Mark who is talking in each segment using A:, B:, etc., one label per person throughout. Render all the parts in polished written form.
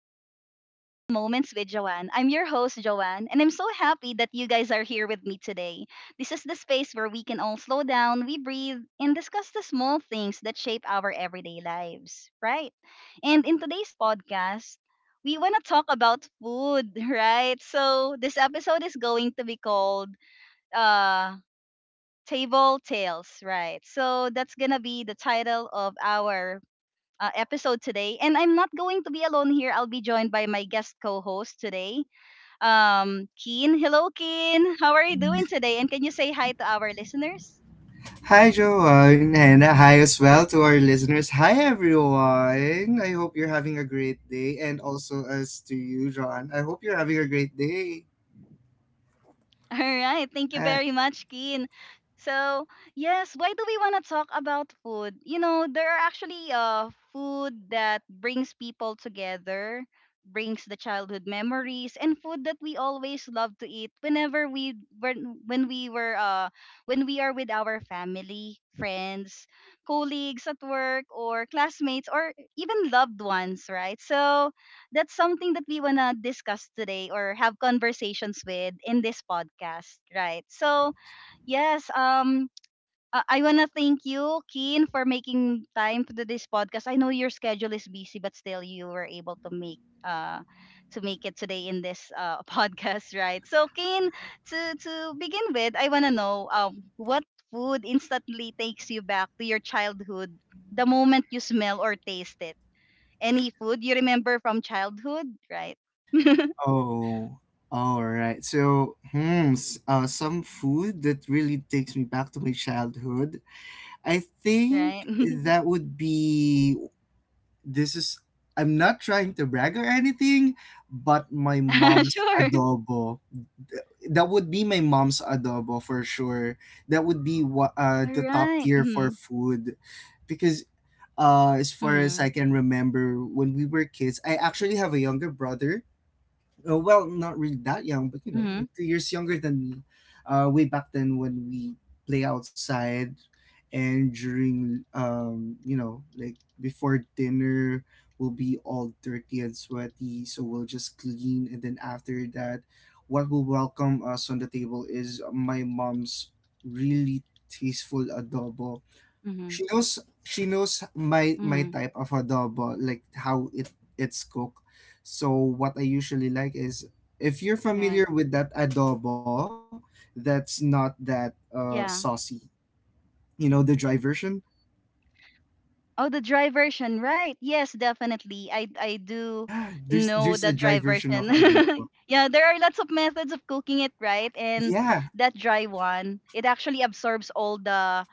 A: and welcome to Mindful Moments with Joanne. I'm your host, Joanne, and I'm so happy that you guys are here with me today. This is the space where we can all slow down, we breathe, and discuss the small things that shape our everyday lives, right? And in today's podcast, we want to talk about food, right? So this episode is going to be called uh, Table Tales, right? So that's going to be the title of our episode today. And I'm not going to be alone here. I'll be joined by my guest co-host today, Keen. Hello, Keen. How are you doing today? And can you say hi to our listeners?
B: Hi, Joanne, and hi as well to our listeners. Hi, everyone. I hope you're having a great day, and also as to you, John. I hope you're having a great day.
A: All right. Thank you
B: Hi.
A: very much, Keen. So, yes, why do we want to talk about food? You know, there are actually food that brings people together, brings the childhood memories, and food that we always love to eat whenever we when we were when we are with our family, friends, colleagues at work or classmates or even loved ones, right? So, that's something that we wanna discuss today or have conversations with in this podcast, right? So yes, I wanna thank you, Keen, for making time to do this podcast. I know your schedule is busy, but still you were able to uh make it today in this podcast, right? So Keen, to begin with, I wanna know what food instantly takes you back to your childhood the moment you smell or taste it, any food you remember from childhood, right?
B: Oh, all right. So, some food that really takes me back to my childhood. I
A: right?
B: think that would be, this is, I'm not trying to brag or anything, but my mom's
A: Sure.
B: adobo. That would be my mom's adobo for sure. That would be what
A: All
B: the top
A: right.
B: tier for
A: Mhm.
B: food, because as far as I
A: Mhm.
B: can remember when we were kids, I actually have a younger brother. Well, not really that young, but you know, like
A: Mhm.
B: 2 years younger than me. Way back then, when we play outside, and during like, before dinner, we'll be all dirty and sweaty, so we'll just clean, and then after that, what will welcome us on the table is my mom's really tasteful adobo.
A: Mhm.
B: She knows my
A: Mhm.
B: type of adobo, like how it's cooked. So what I usually like is, if you're
A: Right.
B: familiar with that adobo, that's not that
A: Yeah.
B: saucy. You know, the dry version?
A: Oh, the dry version, right? Yes, definitely. I
B: Yeah,
A: I
B: there's
A: do
B: a dry version of
A: know the dry
B: adobo.
A: version. Yeah, there are lots of methods of cooking it, right?
B: Yeah,
A: And that dry one, it actually absorbs all the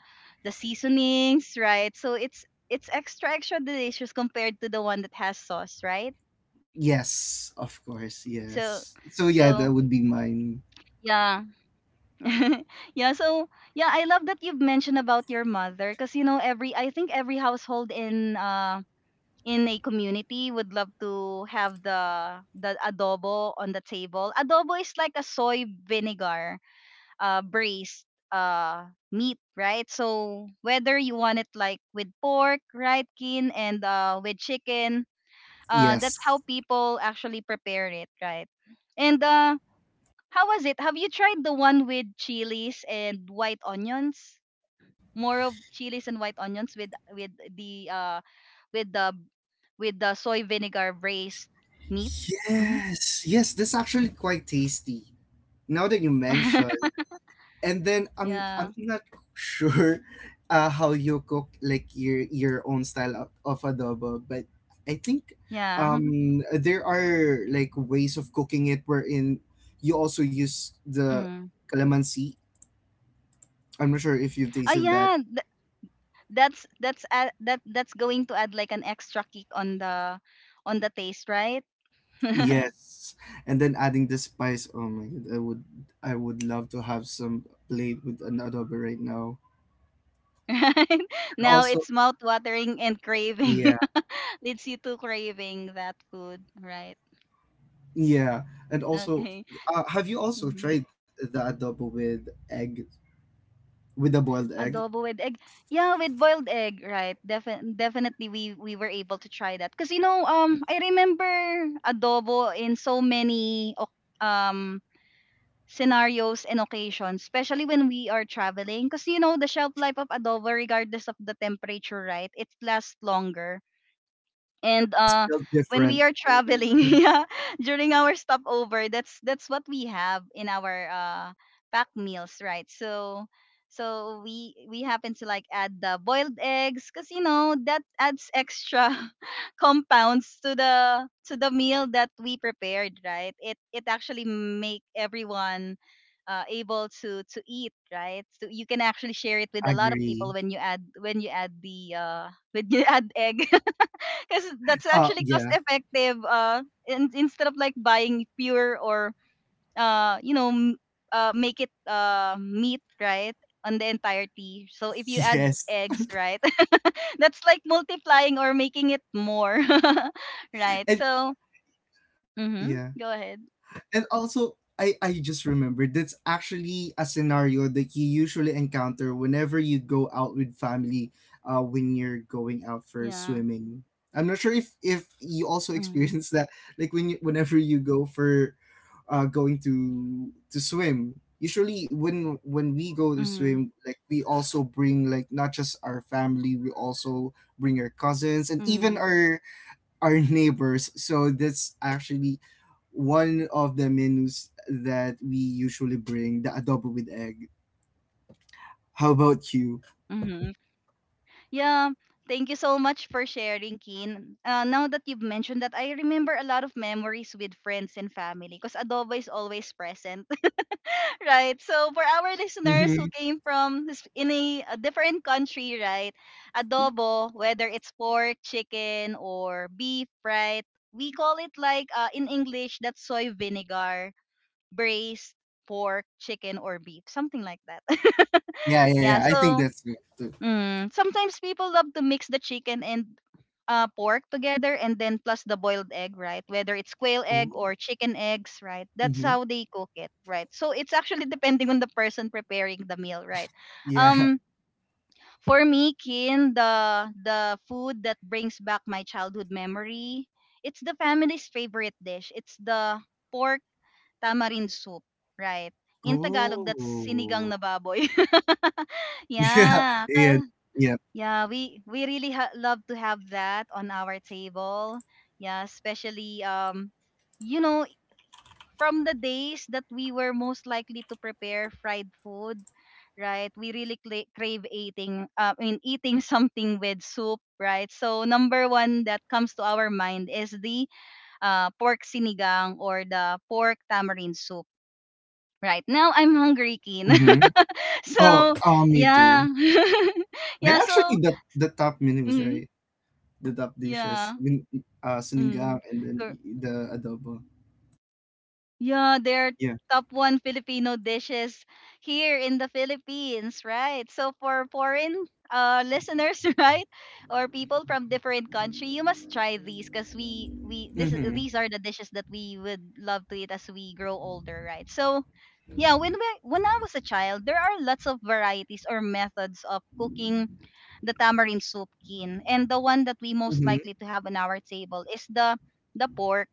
A: the seasonings, right? So it's extra extra delicious compared to the one that has sauce, right?
B: yes, of course,
A: So,
B: yes. So yeah, that
A: so
B: would be mine.
A: yeah. Yeah. So yeah, I love that you've mentioned about your mother because, you know, every I think every household in a community would love to have the adobo on the table. Adobo is like a soy vinegar braised uh meat, right? So whether you want it like with pork, right, Kin, and with chicken,
B: Yes.
A: that's how people actually prepare it, right? And uh, how was it? Have you tried the one with chilies and white onions? More of chilies and white onions with with the the soy vinegar braised meat. Hmm.
B: Yes, yes, that's actually quite tasty. Now that you mention, and then I'm
A: Yeah.
B: I'm not sure how you cook like your own style of adobo, but I think
A: Yeah.
B: there are like ways of cooking it wherein you also use the
A: Mm.
B: calamansi. I'm not sure if you've
A: Oh
B: tasted that.
A: yeah, that's going to add like an extra kick on the taste, right?
B: Yes, and then adding the spice. Oh my god, I would love to have some plate with an adobo right now.
A: Right?
B: And
A: Now
B: also,
A: it's mouth watering and craving.
B: yeah.
A: Leads you to craving that food, right?
B: Yeah, and also,
A: Okay.
B: have you also
A: Mhm.
B: tried the adobo with egg, with a boiled egg?
A: Adobo with egg. Yeah, with boiled egg, right? Definitely we were able to try that, cuz you know, I remember adobo in so many um scenarios and occasions, especially when we are traveling, cuz you know, the shelf life of adobo regardless of the temperature, right? It lasts longer and
B: It's
A: uh,
B: felt
A: when
B: different.
A: we are
B: Mhm.
A: traveling yeah, during our stopover, that's what we have in our pack meals, right? So, so we happen to like add the boiled eggs because, you know, that adds extra compounds to the meal that we prepared, right? It actually make everyone able to eat, right? So you can actually share it with a lot of
B: Agree.
A: people when you add the when you add egg, because that's actually cost
B: Yeah.
A: effective, instead of like buying pure or uh you know m- make it meat, right, on the entirety. So if you add
B: Yes.
A: eggs, right, that's like multiplying or making it more, right?
B: And
A: So
B: yeah.
A: mhm, go ahead.
B: And also I just remembered, that's actually a scenario that you usually encounter whenever you go out with family, when you're going out for
A: Yeah.
B: swimming. I'm not sure if you also
A: Mhm.
B: experience that, like when whenever you go for going to swim. Usually, when we go to
A: Mhm.
B: swim, like, we also bring, like, not just our family, we also bring our cousins and even
A: Mhm.
B: our neighbors. So that's actually one of the menus that we usually bring, the adobo with egg. How about you?
A: Mhm. Yeah, thank you so much for sharing, Keen. Now that you've mentioned that, I remember a lot of memories with friends and family because adobo is always present, right? So for our listeners who
B: Hmm,
A: came from in a different country, right? Adobo, whether it's pork, chicken, or beef, right? We call it like, in English, that's soy vinegar, braised pork, chicken, or beef, something like that.
B: yeah, yeah,
A: Yeah,
B: yeah, I think
A: so
B: that's it too.
A: mm. Sometimes people love to mix the chicken and pork together and then plus the boiled egg, right? Whether it's quail egg
B: Oh.
A: or chicken eggs, right? That's
B: Mm-hmm.
A: how they cook it, right? So it's actually depending on the person preparing the meal, right?
B: Yeah.
A: Um, for me, Kin, the food that brings back my childhood memory, it's the family's favorite dish. It's the pork tamarind soup, right? In Tagalog, that's sinigang
B: Oh.
A: na baboy.
B: Yeah,
A: Yeah.
B: yeah, yeah.
A: Yeah, we really love to have that on our table. Yeah, especially you know, from the days that we were most likely to prepare fried food, right? We really cla crave eating, I mean eating something with soup, right? So number one that comes to our mind is the pork sinigang or the pork tamarind soup. Right now, I'm hungry, Kin.
B: Mm-hmm. Oh,
A: So,
B: oh, me
A: yeah,
B: too.
A: yeah.
B: They're
A: So,
B: actually the top menus,
A: mhm,
B: right? The top dishes.
A: yeah.
B: Sinigang,
A: Mm.
B: and then
A: Cor-
B: the adobo.
A: Yeah, they're
B: Yeah.
A: top one Filipino dishes here in the Philippines, right? So for foreign listeners, right, or people from different country, you must try these because we this
B: Mm-hmm.
A: these are the dishes that we would love to eat as we grow older, right? So yeah, when I was a child, there are lots of varieties or methods of cooking the tamarind soup, Kin, and the one that we most
B: Mm-hmm.
A: likely to have on our table is the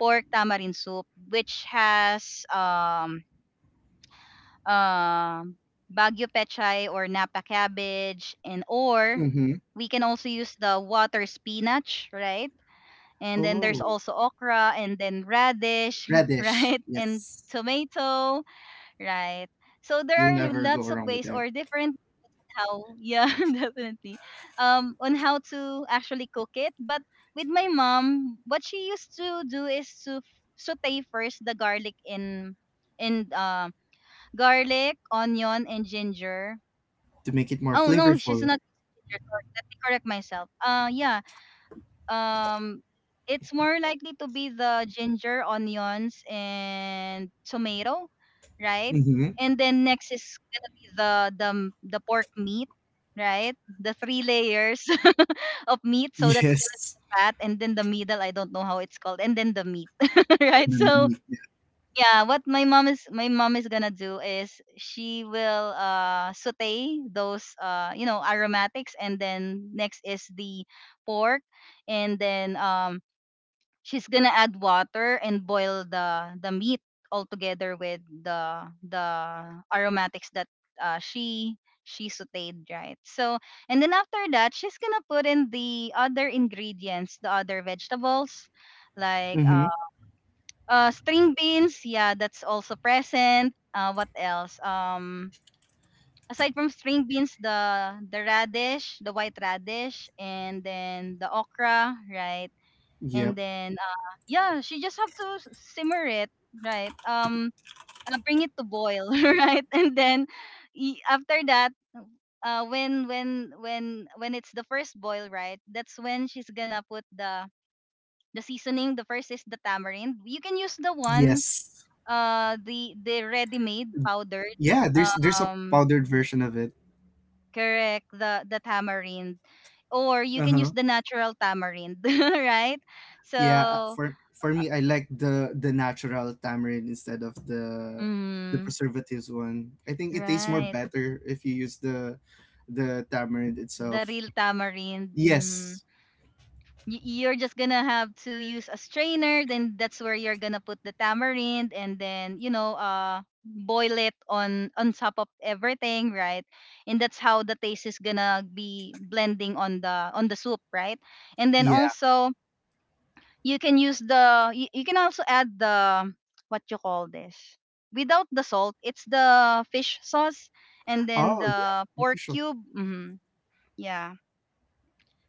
A: pork tamarind soup, which has um, Baguio pechay or Napa cabbage, and
B: Mm-hmm.
A: or we can also use the water spinach, right? And then there's
B: Oh,
A: also okra, and then radish,
B: radish.
A: right? And
B: Yes,
A: tomato, right? So there
B: you'll
A: are
B: never go
A: lots of
B: wrong with
A: ways
B: that.
A: or different, how, yeah, definitely, on how to actually cook it. But with my mom, what she used to do is to saute first the garlic in garlic, onion, and ginger.
B: To make it more
A: Oh no, she's
B: flavorful.
A: not using ginger, sorry, let me correct myself. Uh yeah, um, it's more likely to be the ginger, onions, and tomato, right?
B: Mm-hmm.
A: And then next is gonna be the pork meat, right? The three layers of meat. So that's gonna
B: Yes.
A: be the fat, and then the middle. I don't know how it's called, and then the meat, right?
B: And then the
A: So
B: meat.
A: yeah, what my mom, is gonna do is she will, uh, saute those, uh, you know, aromatics, and then next is the pork, and then, um, she's gonna add water and boil the meat all together with the aromatics that, uh, she she sauteed, right? So, and then after that she's gonna put in the other ingredients, the other vegetables, like,
B: Mm-hmm.
A: string beans, yeah, that's also present. Uh, what else, um, aside from string beans, the radish, the white radish, and then the okra, right?
B: Yep.
A: And then, yeah, she just have to simmer it, right, um, bring it to boil, right, and then, after that, when it's the first boil, right, that's when she's gonna put the seasoning. The first is the tamarind. You can use the one,
B: Yes.
A: the ready made powdered,
B: Yeah. There's a
A: um
B: powdered version of it.
A: correct, the tamarind, or you
B: Uh
A: can
B: huh.
A: use the natural tamarind, right?
B: Yeah,
A: So,
B: for
A: uh,
B: me, I like the natural tamarind instead of the
A: mm,
B: preservatives one. I think it tastes more
A: right.
B: better if you use the tamarind
A: The
B: itself.
A: real tamarind. Mm,
B: Yes.
A: you're just gonna have to use a strainer. Then that's where you're gonna put the tamarind, and then, you know, boil it on top of everything, right? And that's how the taste is gonna be blending on the, on the soup, right? And then
B: Yeah.
A: also you can use the, you can also add the, what you call this, without the salt. It's the fish sauce, and then
B: Oh, yeah.
A: the pork
B: Official
A: cube. Hmm. Yeah.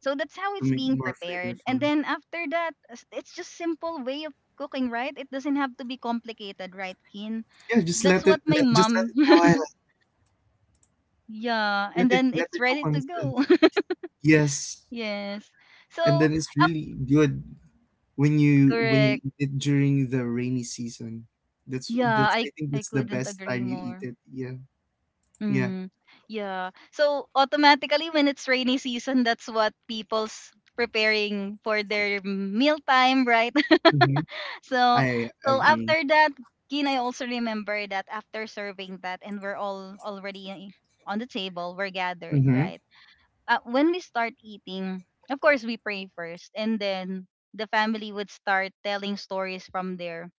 A: So that's how
B: to
A: it's
B: make it
A: being
B: more
A: prepared. And
B: flavorful.
A: then after that, it's just simple way of cooking, right? It doesn't have to be complicated, right, Kin?
B: Yeah,
A: That's what my
B: just let
A: mom.
B: it boil.
A: Yeah,
B: Let
A: and
B: it
A: then
B: let
A: it's
B: it cook
A: ready
B: on
A: to
B: itself.
A: go.
B: Yes.
A: Yes. So,
B: And then it's
A: af-
B: really good when you
A: correct.
B: eat it during the rainy season.
A: Yeah,
B: That's I think
A: I
B: that's the
A: couldn't
B: best
A: agree
B: time you eat
A: more.
B: it. Yeah. Yeah.
A: Mm, yeah. So automatically, when it's rainy season, that's what people's preparing for their mealtime, right?
B: Mm-hmm.
A: so
B: I
A: so
B: agree.
A: after that, Gin, I also remember that after serving that and we're all already on the table, we're gathered,
B: Mm-hmm.
A: right? When we start eating, of course we pray first, and then the family would start telling stories from their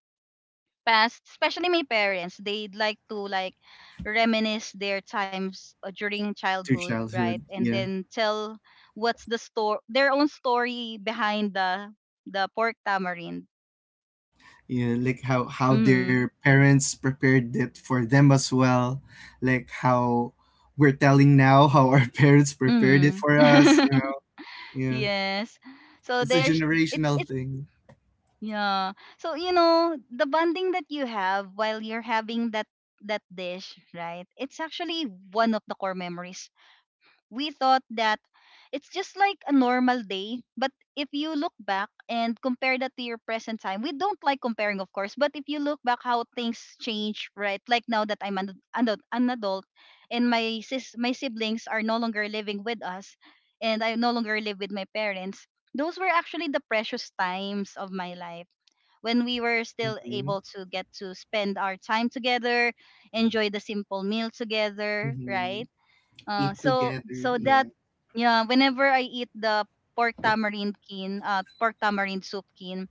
A: past, especially my parents. They'd like to reminisce their times during
B: To
A: childhood, right?
B: childhood,
A: And
B: yeah,
A: then tell what's the story, their own story behind the pork tamarind.
B: yeah, like how
A: Mm-hmm.
B: their parents prepared it for them as well, like how we're telling now how our parents prepared it
A: Mm.
B: for us. You know? Yeah,
A: Yes. So
B: it's a
A: there's
B: generational
A: it's
B: thing.
A: yeah. So you know the bonding that you have while you're having that dish, right? It's actually one of the core memories. We thought that it's just like a normal day, but if you look back and compare that to your present time — we don't like comparing, of course, but if you look back how things change, right? Like now that I'm an adult, and my my siblings are no longer living with us, and I no longer live with my parents, those were actually the precious times of my life, when we were still able
B: Mm-hmm.
A: to get to spend our time together, enjoy the simple meal together, right?
B: Mm-hmm. Eat
A: So
B: together,
A: so that
B: yeah,
A: yeah, whenever I eat the pork tamarind kin, pork tamarind soup kin,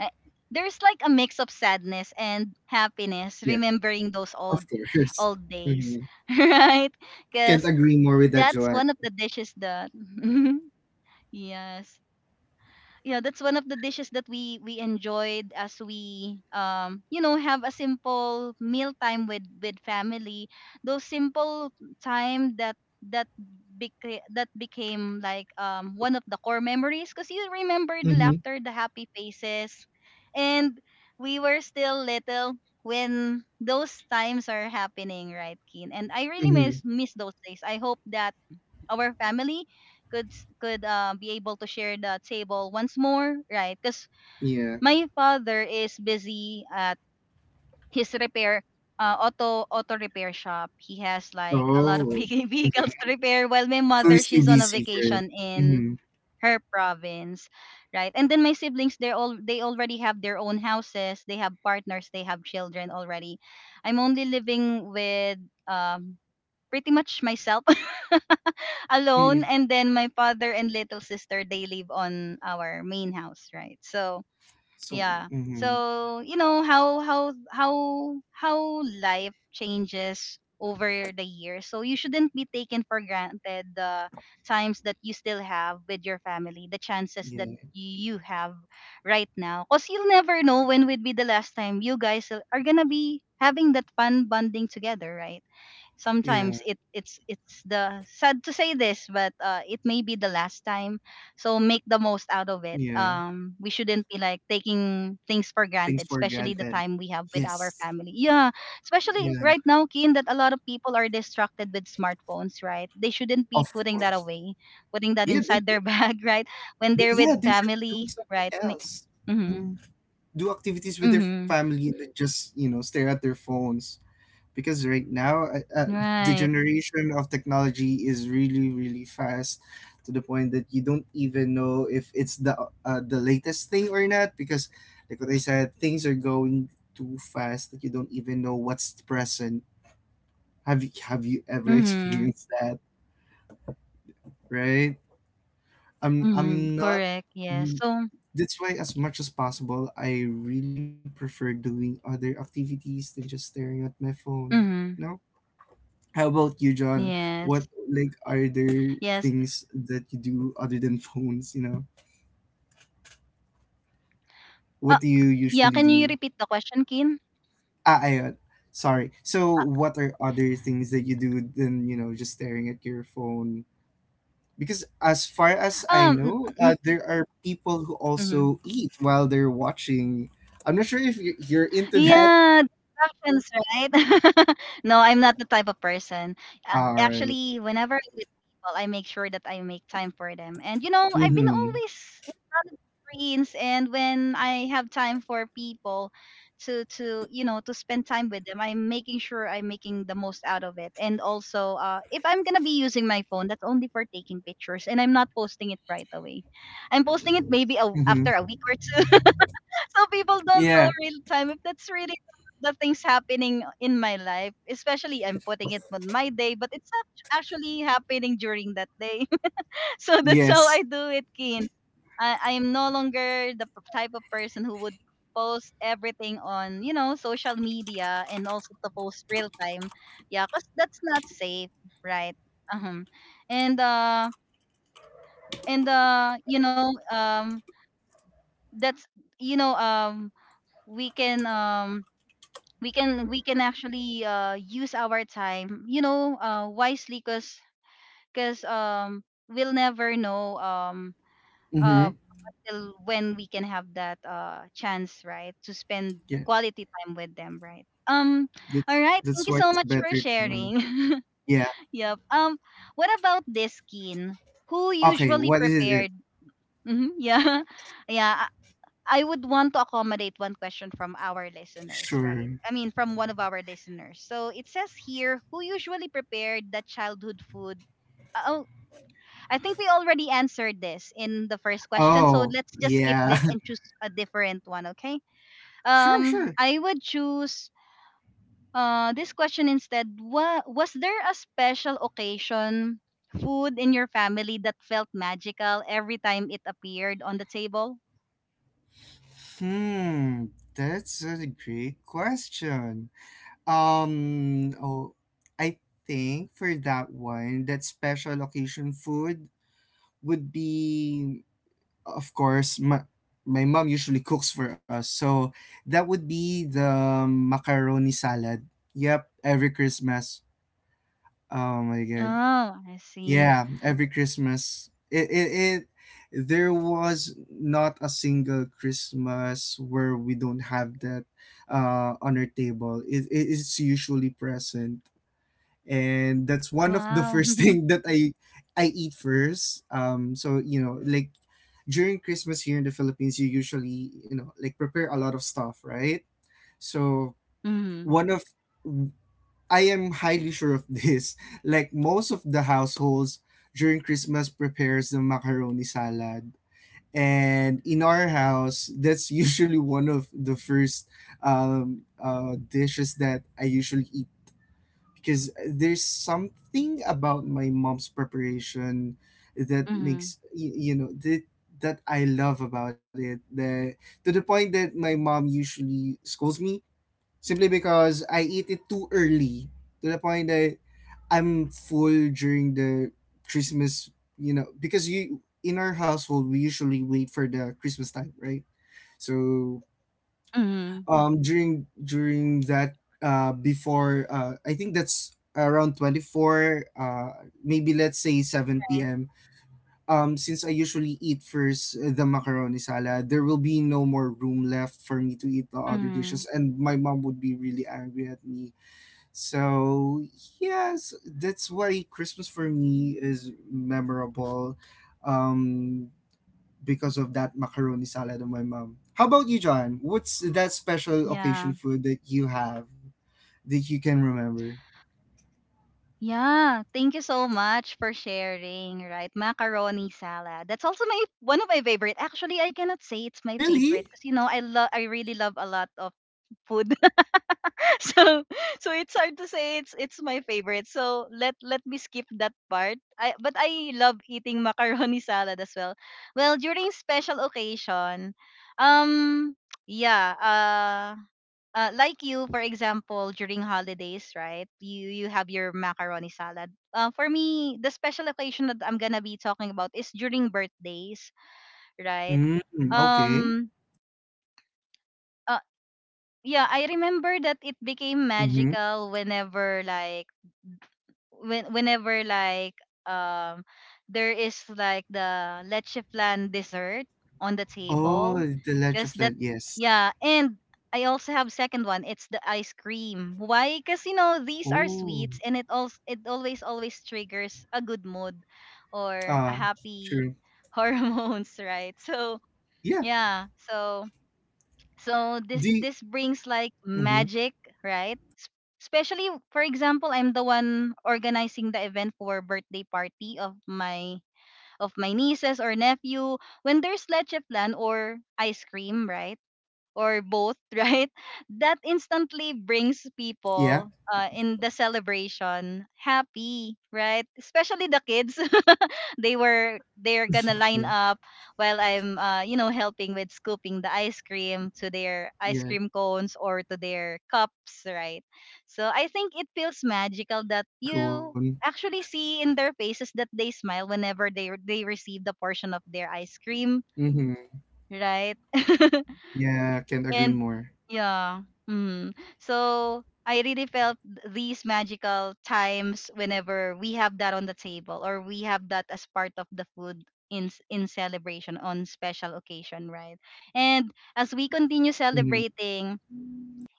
A: eh, there's like a mix of sadness and happiness,
B: yeah,
A: remembering those
B: of course.
A: old days,
B: Mm-hmm.
A: right?
B: Can't
A: Because
B: agree more with that,
A: that's
B: Joanne.
A: one of the dishes that yes, you know, that's one of the dishes that we enjoyed as we, um, you know, have a simple meal time with family. Those simple time that that that became like, um, one of the core memories, because you remember the
B: Mm-hmm.
A: laughter, the happy faces, and we were still little when those times are happening, right, Keen? And I really
B: Mm-hmm.
A: miss those days. I hope that our family could be able to share the table once more, right? Because
B: Yeah.
A: my father is busy at his repair, auto repair shop. He has like a lot of
B: Oh.
A: vehicles
B: Mm-hmm.
A: to repair. While my
B: So
A: mother,
B: it's too
A: she's on a
B: busy for it.
A: vacation in
B: Mm-hmm.
A: her province, right? And then my siblings, they're all, they already have their own houses. They have partners. They have children already. I'm only living with, um, pretty much myself
B: Mm-hmm.
A: alone, and then my father and little sister, they live on our main house, right? So
B: So.
A: yeah.
B: Mm-hmm.
A: So you know how life changes over the years. So you shouldn't be taken for granted the times that you still have with your family, the chances
B: Yeah,
A: that you have right now, because you'll never know when would be the last time you guys are gonna be having that fun bonding together, right?
B: yeah,
A: Sometimes it's the sad to say this, but it may be the last time. So make the most out of it.
B: yeah.
A: Um, we shouldn't be like taking things for
B: Things
A: granted,
B: for
A: especially the
B: granted.
A: time we have with our
B: Yes.
A: family. Yeah, especially
B: Yeah,
A: right now, Keen, that a lot of people are distracted with smartphones, right? They shouldn't be
B: of
A: putting that
B: course.
A: away, putting that
B: Yeah,
A: inside their bag, right? When they're with
B: yeah, they should be
A: family,
B: doing something
A: right?
B: else.
A: Mm-hmm.
B: Mhm. Do activities with their
A: Mm-hmm.
B: family, and then just, you know, stare at their phones. Because right now, the
A: Right.
B: generation of technology is really, really fast, to the point that you don't even know if it's the latest thing or not. Because, like what I said, things are going too fast that you don't even know what's present. Have you ever
A: Mm-hmm.
B: experienced that, right?
A: Mm-hmm.
B: I'm not
A: Correct. Yes. So
B: That's why, as much as possible, I really prefer doing other activities than just staring at my phone. You
A: mm-hmm.
B: know? How about you, John? What,
A: Yes.
B: like, are there
A: Yes.
B: things that you do other than phones, you know?
A: Uh,
B: What do you
A: yeah,
B: usually
A: can you
B: do?
A: repeat the question, Kin?
B: Ah, I, sorry. So what are other things that you do than, you know, just staring at your phone? Because as far as I
A: Mm,
B: know,
A: mm,
B: there are people who
A: mhm.
B: also eat while they're watching. I'm not sure if you're into that.
A: Yeah, distractions, right? No, I'm not the type of person.
B: All right.
A: Actually, whenever I'm with people, I make sure that I make time for them. And you know, I've been
B: Mm-hmm.
A: always in front of screens, and when I have time for people to you know, to spend time with them, I'm making sure I'm making the most out of it. And also, if I'm gonna be using my phone, that's only for taking pictures, and I'm not posting it right away. I'm posting it maybe, a,
B: Mm-hmm.
A: after a week or two, so people don't
B: Yeah.
A: know real time if that's really the things happening in my life, especially I'm putting it on my day, but it's actually happening during that day. So that's how
B: Yes.
A: I do it, Kin. I am no longer the type of person who would post everything on, you know, social media, and also to post real time. Yeah, because that's not safe, right? Um, and uh and you know, um, that's, you know, um, we can, um, we can actually, use our time, you know, wisely. Because um, we'll never know, um, uh,
B: Mm-hmm.
A: till when we can have that, uh, chance, right, to spend
B: Yeah.
A: quality time with them, right? Um,
B: That's
A: all right,
B: that's
A: thank you
B: why
A: so
B: it's
A: much for
B: better to.
A: sharing.
B: Yeah.
A: Yep, um, what about this, skin, who
B: Okay.
A: usually
B: What is it?
A: prepared — Mhm, yeah. Yeah, I would want to accommodate one question from our listeners, right?
B: Sure.
A: I mean, from one of our listeners. So it says here, who usually prepared the childhood food? Oh, I think we already answered this in the first question. So
B: Oh.
A: let's just skip
B: Yeah.
A: this and choose a different one, okay?
B: Sure. Sure.
A: I would choose uh, this question instead. What was, there a special occasion food in your family that felt magical every time it appeared on the table?
B: Hmm. That's a great question. Um, oh, I think for that one, that special occasion food would be, of course, my, mom usually cooks for us. So that would be the macaroni salad. Yep, every Christmas. Oh my God.
A: Oh, I see.
B: Yeah, every Christmas. There was not a single Christmas where we don't have that on our table. It's usually present, and that's one of the
A: Wow.
B: first thing that I eat first. So, you know, like, during Christmas here in the Philippines, you usually like prepare a lot of stuff, right? So
A: Mhm.
B: one of I am highly sure of this. Like most of the households during Christmas prepares the macaroni salad. And in our house, that's usually one of the first dishes that I usually eat, because there's something about my mom's preparation that
A: Mhm.
B: makes you know that I love about it, that to the point that my mom usually scolds me, simply because I eat it too early, to the point that I'm full during the Christmas, you know because you in our household we usually wait for the Christmas time, right? So
A: Mhm.
B: during that, before, I think that's around 24, maybe let's say 7
A: Right.
B: p.m. Since I usually eat first the macaroni salad, there will be no more room left for me to eat the other dishes,
A: Mhm.
B: and my mom would be really angry at me. So yes, that's why Christmas for me is memorable, um because of that macaroni salad of my mom. How about you, John? What's that special occasion
A: Yeah.
B: food that you have that you can remember?
A: Yeah. Thank you so much for sharing, right? Macaroni salad. That's also my one of my favorite. Actually, I cannot say it's my favorite,
B: Really?
A: because you know, I love I really love a lot of food. so so it's hard to say it's my favorite. So let me skip that part. I, but I love eating macaroni salad as well. Well, during special occasion, um, yeah, like you, for example, during holidays, right? You have your macaroni salad. For me, the special occasion that I'm gonna be talking about is during birthdays, right?
B: Mm, okay.
A: Um, uh, yeah, I remember that it became
B: Mm-hmm.
A: magical whenever, like, when whenever like um, there is like the leche flan dessert on the
B: Oh,
A: table,
B: the leche
A: because that,
B: flan, yes.
A: yeah. And I also have second one, it's the ice cream. Why? Because you know, these are
B: Oh,
A: sweets, and it also, it always triggers a good mood or a
B: uh,
A: happy
B: true.
A: hormones, right? So
B: Yeah.
A: yeah, so
B: The.
A: this brings like
B: You, mm-hmm.
A: magic, right? S- Especially, for example, I'm the one organizing the event for birthday party of my nieces or nephew, when there's leche flan or ice cream, right? Or both, right? That
B: Yeah,
A: instantly brings people, in the celebration happy, right? Especially the kids, they're gonna line
B: yeah,
A: up while I'm, you know, helping with scooping the ice cream to their ice
B: yeah.
A: cream cones or to their cups, right?
B: Kids are
A: So
B: pushing in the
A: I think it
B: background
A: feels
B: while you're scooping
A: magical
B: your
A: that
B: ice cream
A: you
B: cone.
A: actually see in their faces that they smile whenever they receive the portion of their ice cream,
B: Mm-hmm.
A: right?
B: Yeah, can't agree
A: And
B: more.
A: yeah, mm. So I really felt these magical times whenever we have that on the table, or we have that as part of the food in in celebration on special occasion, right? And as we continue
B: Mm-hmm.
A: celebrating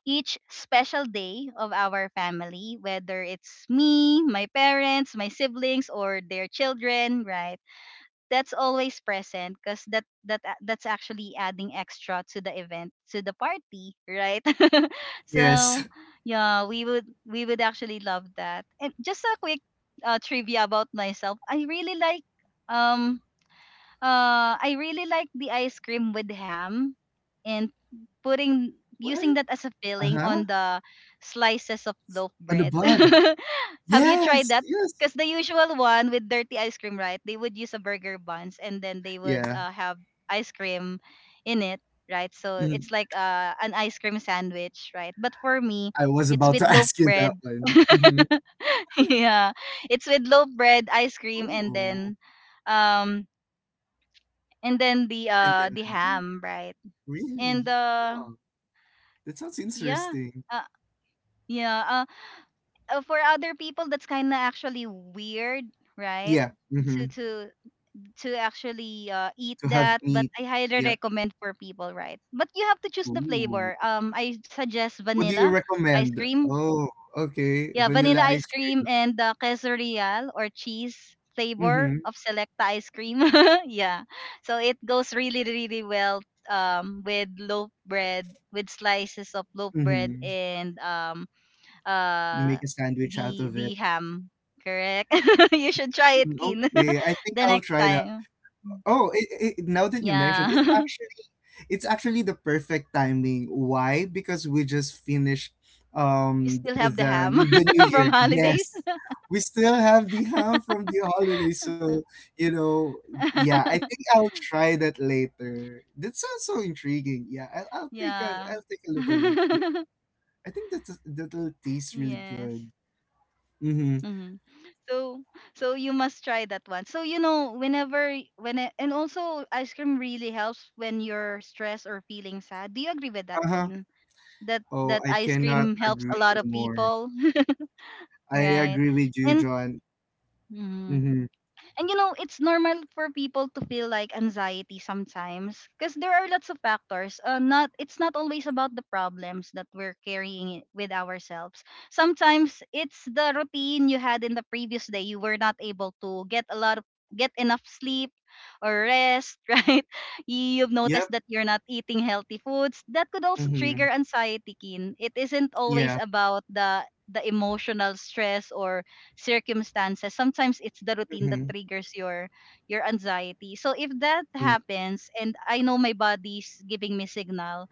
A: each special day of our family, whether it's me, my parents, my siblings, or their children, right, that's always present because that's actually adding extra to the event, to the party, right? So
B: Yes.
A: yeah, we would actually love that. And just a quick trivia about myself, I really like, um, uh, the ice cream with ham, and putting, using
B: What?
A: that as a filling
B: Uh-huh.
A: on the slices of loaf
B: On the
A: bread.
B: bun.
A: Have you tried
B: Yes,
A: that?
B: yes.
A: Because the usual one with dirty ice cream, right? They would use a burger buns, and then they would,
B: Yeah.
A: have ice cream in it, right? So it's
B: Mhm.
A: like an ice cream sandwich, right? But for me,
B: I was
A: it's
B: about
A: with
B: to
A: loaf
B: ask you that
A: bread.
B: one. Mhm.
A: Yeah, it's with loaf bread, ice cream, and
B: Oh,
A: then um, and then the
B: and
A: uh,
B: then ham?
A: ham, right? And
B: Really?
A: uh,
B: Huh, that sounds
A: yeah,
B: interesting.
A: uh, yeah uh, for other people, that's kind of actually weird, right?
B: Yeah,
A: To
B: mhm,
A: actually eat
B: to have
A: that, but
B: meat.
A: I highly
B: Yep.
A: recommend for people, right? But you have to choose the
B: Ooh.
A: flavor. Um, I suggest
B: What do you
A: vanilla ice
B: recommend?
A: cream.
B: Oh, okay,
A: Yeah, vanilla
B: vanilla
A: ice
B: ice
A: cream
B: cream.
A: and the queso real or cheese flavor
B: Mhm,
A: of Selecta ice cream. Yeah. So it goes really, really well um, with loaf bread, with slices of loaf bread,
B: mhm.
A: and um,
B: You
A: uh,
B: make a sandwich out of
A: the
B: it.
A: ham. Correct? You should try it,
B: Mm,
A: Kin,
B: okay, I think
A: the
B: I'll
A: next
B: try that.
A: time.
B: Oh, now that you mentioned,
A: Yeah.
B: it's actually it's actually the perfect timing. Why? Because we just finished
A: You still have the
B: the
A: ham
B: new year.
A: from holidays.
B: Yes. We still have the ham from the holiday, so you know, yeah, I think I'll try that later. That sounds so intriguing. Yeah,
A: Yeah.
B: I'll take a look at it. Yeah, I think that that'll taste really
A: Yes.
B: good. Mm-hmm.
A: Mm-hmm. So you must try that one. So you know, whenever when I, and also ice cream really helps when you're stressed or feeling sad. Do you agree with that,
B: Uh huh.
A: Keen? That
B: Oh, I
A: ice
B: cannot
A: cream helps a lot
B: agree
A: of
B: more.
A: people,
B: I
A: right?
B: agree with you,
A: And
B: John.
A: mm-hmm.
B: Mm-hmm.
A: And you know, it's normal for people to feel like anxiety sometimes, because there are lots of factors. Not it's not always about the problems that we're carrying it with ourselves. Sometimes it's the routine you had in the previous day. You were not able to get a lot of get enough sleep or rest, right? You've noticed
B: Yep.
A: that you're not eating healthy foods. That could also
B: Mm-hmm.
A: trigger anxiety, Kin. It isn't always
B: Yeah.
A: about the emotional stress or circumstances. Sometimes it's the routine that
B: Mm-hmm.
A: triggers your anxiety. So if that
B: Yeah.
A: happens and I know my body's giving me signal,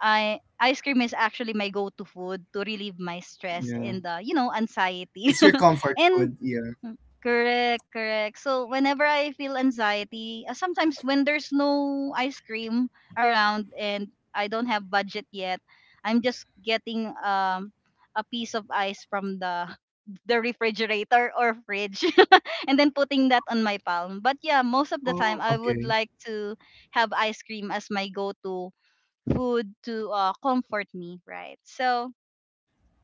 A: I ice cream is actually my go-to food to relieve my stress
B: Yeah.
A: and you know, anxiety
B: It's your comfort
A: and
B: food, yeah.
A: Mm, correct, correct. So whenever I feel anxiety, sometimes when there's no ice cream around and I don't have budget yet, I'm just getting a piece of ice from the the refrigerator or fridge and then putting that on my palm. But yeah, most of the
B: Oh,
A: time I would
B: okay.
A: like to have ice cream as my go-to food to comfort me, right? So,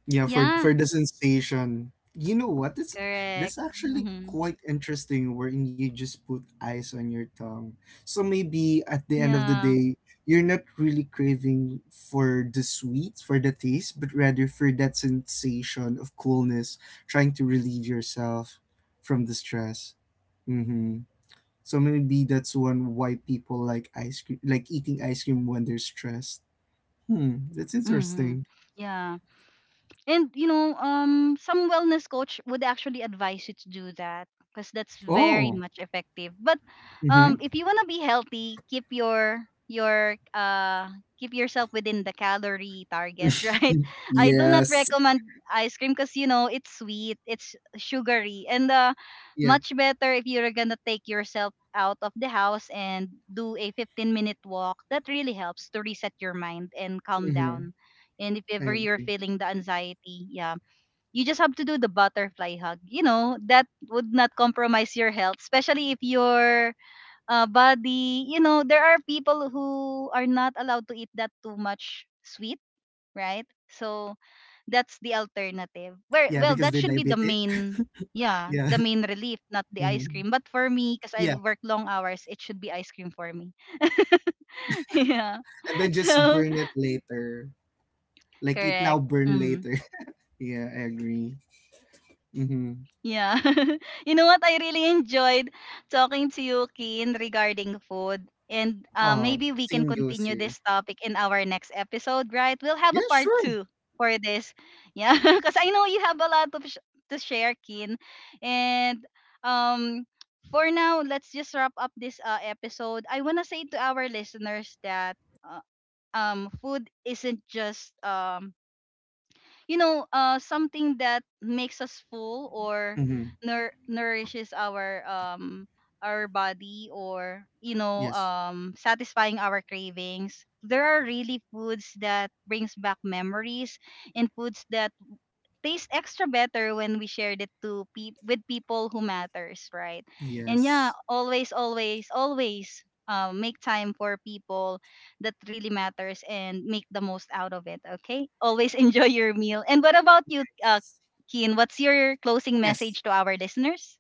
B: Yeah, for
A: yeah,
B: for the sensation. You know what? That's
A: correct.
B: that's actually
A: Hmm.
B: quite interesting, wherein you just put ice on your tongue. So maybe at the end of the
A: Yeah.
B: day, you're not really craving for the sweet, for the taste, but rather for that sensation of coolness, trying to relieve yourself from the stress. Mm-hmm. So maybe that's one why people like ice cream, like eating ice cream when they're stressed. Hmm, that's
A: Hmm.
B: interesting.
A: Yeah. And you know, some wellness coach would actually advise you to do that because that's very
B: Oh,
A: much effective. But
B: mm-hmm.
A: if you want to be healthy, keep your keep yourself within the calorie target, right? I do not
B: Yes.
A: recommend ice cream because you know it's sweet, it's sugary, and
B: Yeah.
A: much better if you're gonna take yourself out of the house and do a 15-minute minute walk. That really helps to reset your mind and calm
B: Mm-hmm.
A: down, and if
B: I
A: ever you're
B: agree.
A: feeling the anxiety, yeah, you just have to do the butterfly hug. You know, that would not compromise your health, especially if your body, you know, there are people who are not allowed to eat that too much sweet, right? So
B: Yeah,
A: that's
B: because
A: the
B: they're diabetic.
A: alternative. Where well, that should be the
B: Yeah.
A: main, yeah, the main relief, not the
B: Hmm,
A: ice cream. But for me, because
B: yeah,
A: I work long hours, it should be ice cream for me. Yeah.
B: and then just
A: So
B: burn it later. Like, eat now,
A: correct.
B: burn
A: Mm.
B: later. Yeah, I agree. Mm-hmm.
A: Yeah. You know what? I really enjoyed talking to you, Keen, regarding food. And maybe we can
B: Same goes
A: continue
B: here.
A: this topic in our next episode, right? We'll have
B: Yeah,
A: a part
B: sure.
A: two for this. Yeah. Because I know you have a lot of to share, Keen. And um, for now, let's just wrap up this episode. I want to say to our listeners that uh, food isn't just. You know, something that makes us full or
B: Mm-hmm.
A: nourishes our body, or you know,
B: Yes.
A: satisfying our cravings. There are really foods that brings back memories, and foods that tastes extra better when we shared it to with people who matters, right? And yeah,
B: Yes.
A: always, always, always make time for people that really matters and make the most out of it. Okay, always enjoy your meal. And what about you, Keen? What's your closing
B: Yes.
A: message to our listeners?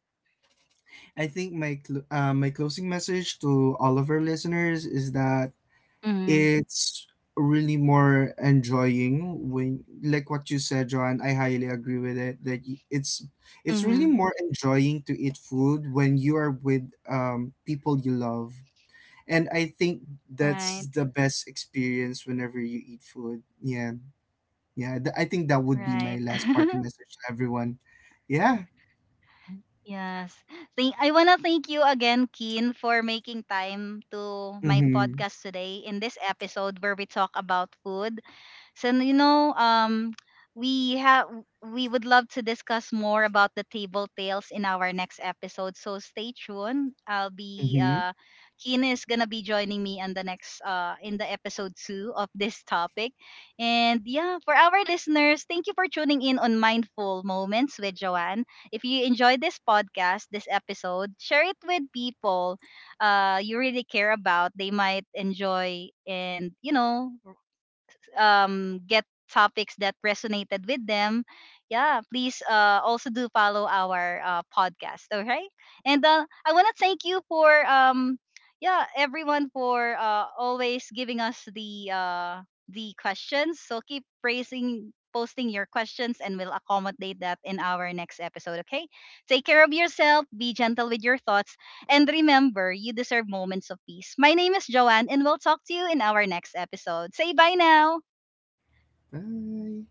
B: I think my closing message to all of our listeners is that
A: Mm-hmm.
B: it's really more enjoying, when like what you said, John, I highly agree with it, that it's
A: Mm-hmm.
B: really more enjoying to eat food when you are with people you love. And I think
A: Right,
B: that's the best experience whenever you eat food. Yeah, yeah, I think that would be my
A: right.
B: last parting message to everyone. Yeah.
A: Yes. Thank, I want to thank you again, Keen, for making time to my
B: Mm-hmm.
A: podcast today in this episode where we talk about food. So you know, we have we would love to discuss more about the table tales in our next episode. So stay tuned. I'll be
B: Mm-hmm.
A: Kina is gonna be joining me on the next in the episode two of this topic. And yeah, for our listeners, thank you for tuning in on Mindful Moments with Joanne. If you enjoyed this podcast, this episode, share it with people you really care about. They might enjoy, and you know, get topics that resonated with them. Yeah, please also do follow our podcast. All right. And I want to thank you for, yeah, everyone for always giving us the questions. So keep praising, posting your questions, and we'll accommodate that in our next episode. Okay. Take care of yourself. Be gentle with your thoughts. And remember, you deserve moments of peace. My name is Joanne, and we'll talk to you in our next episode. Say bye now.
B: Bye.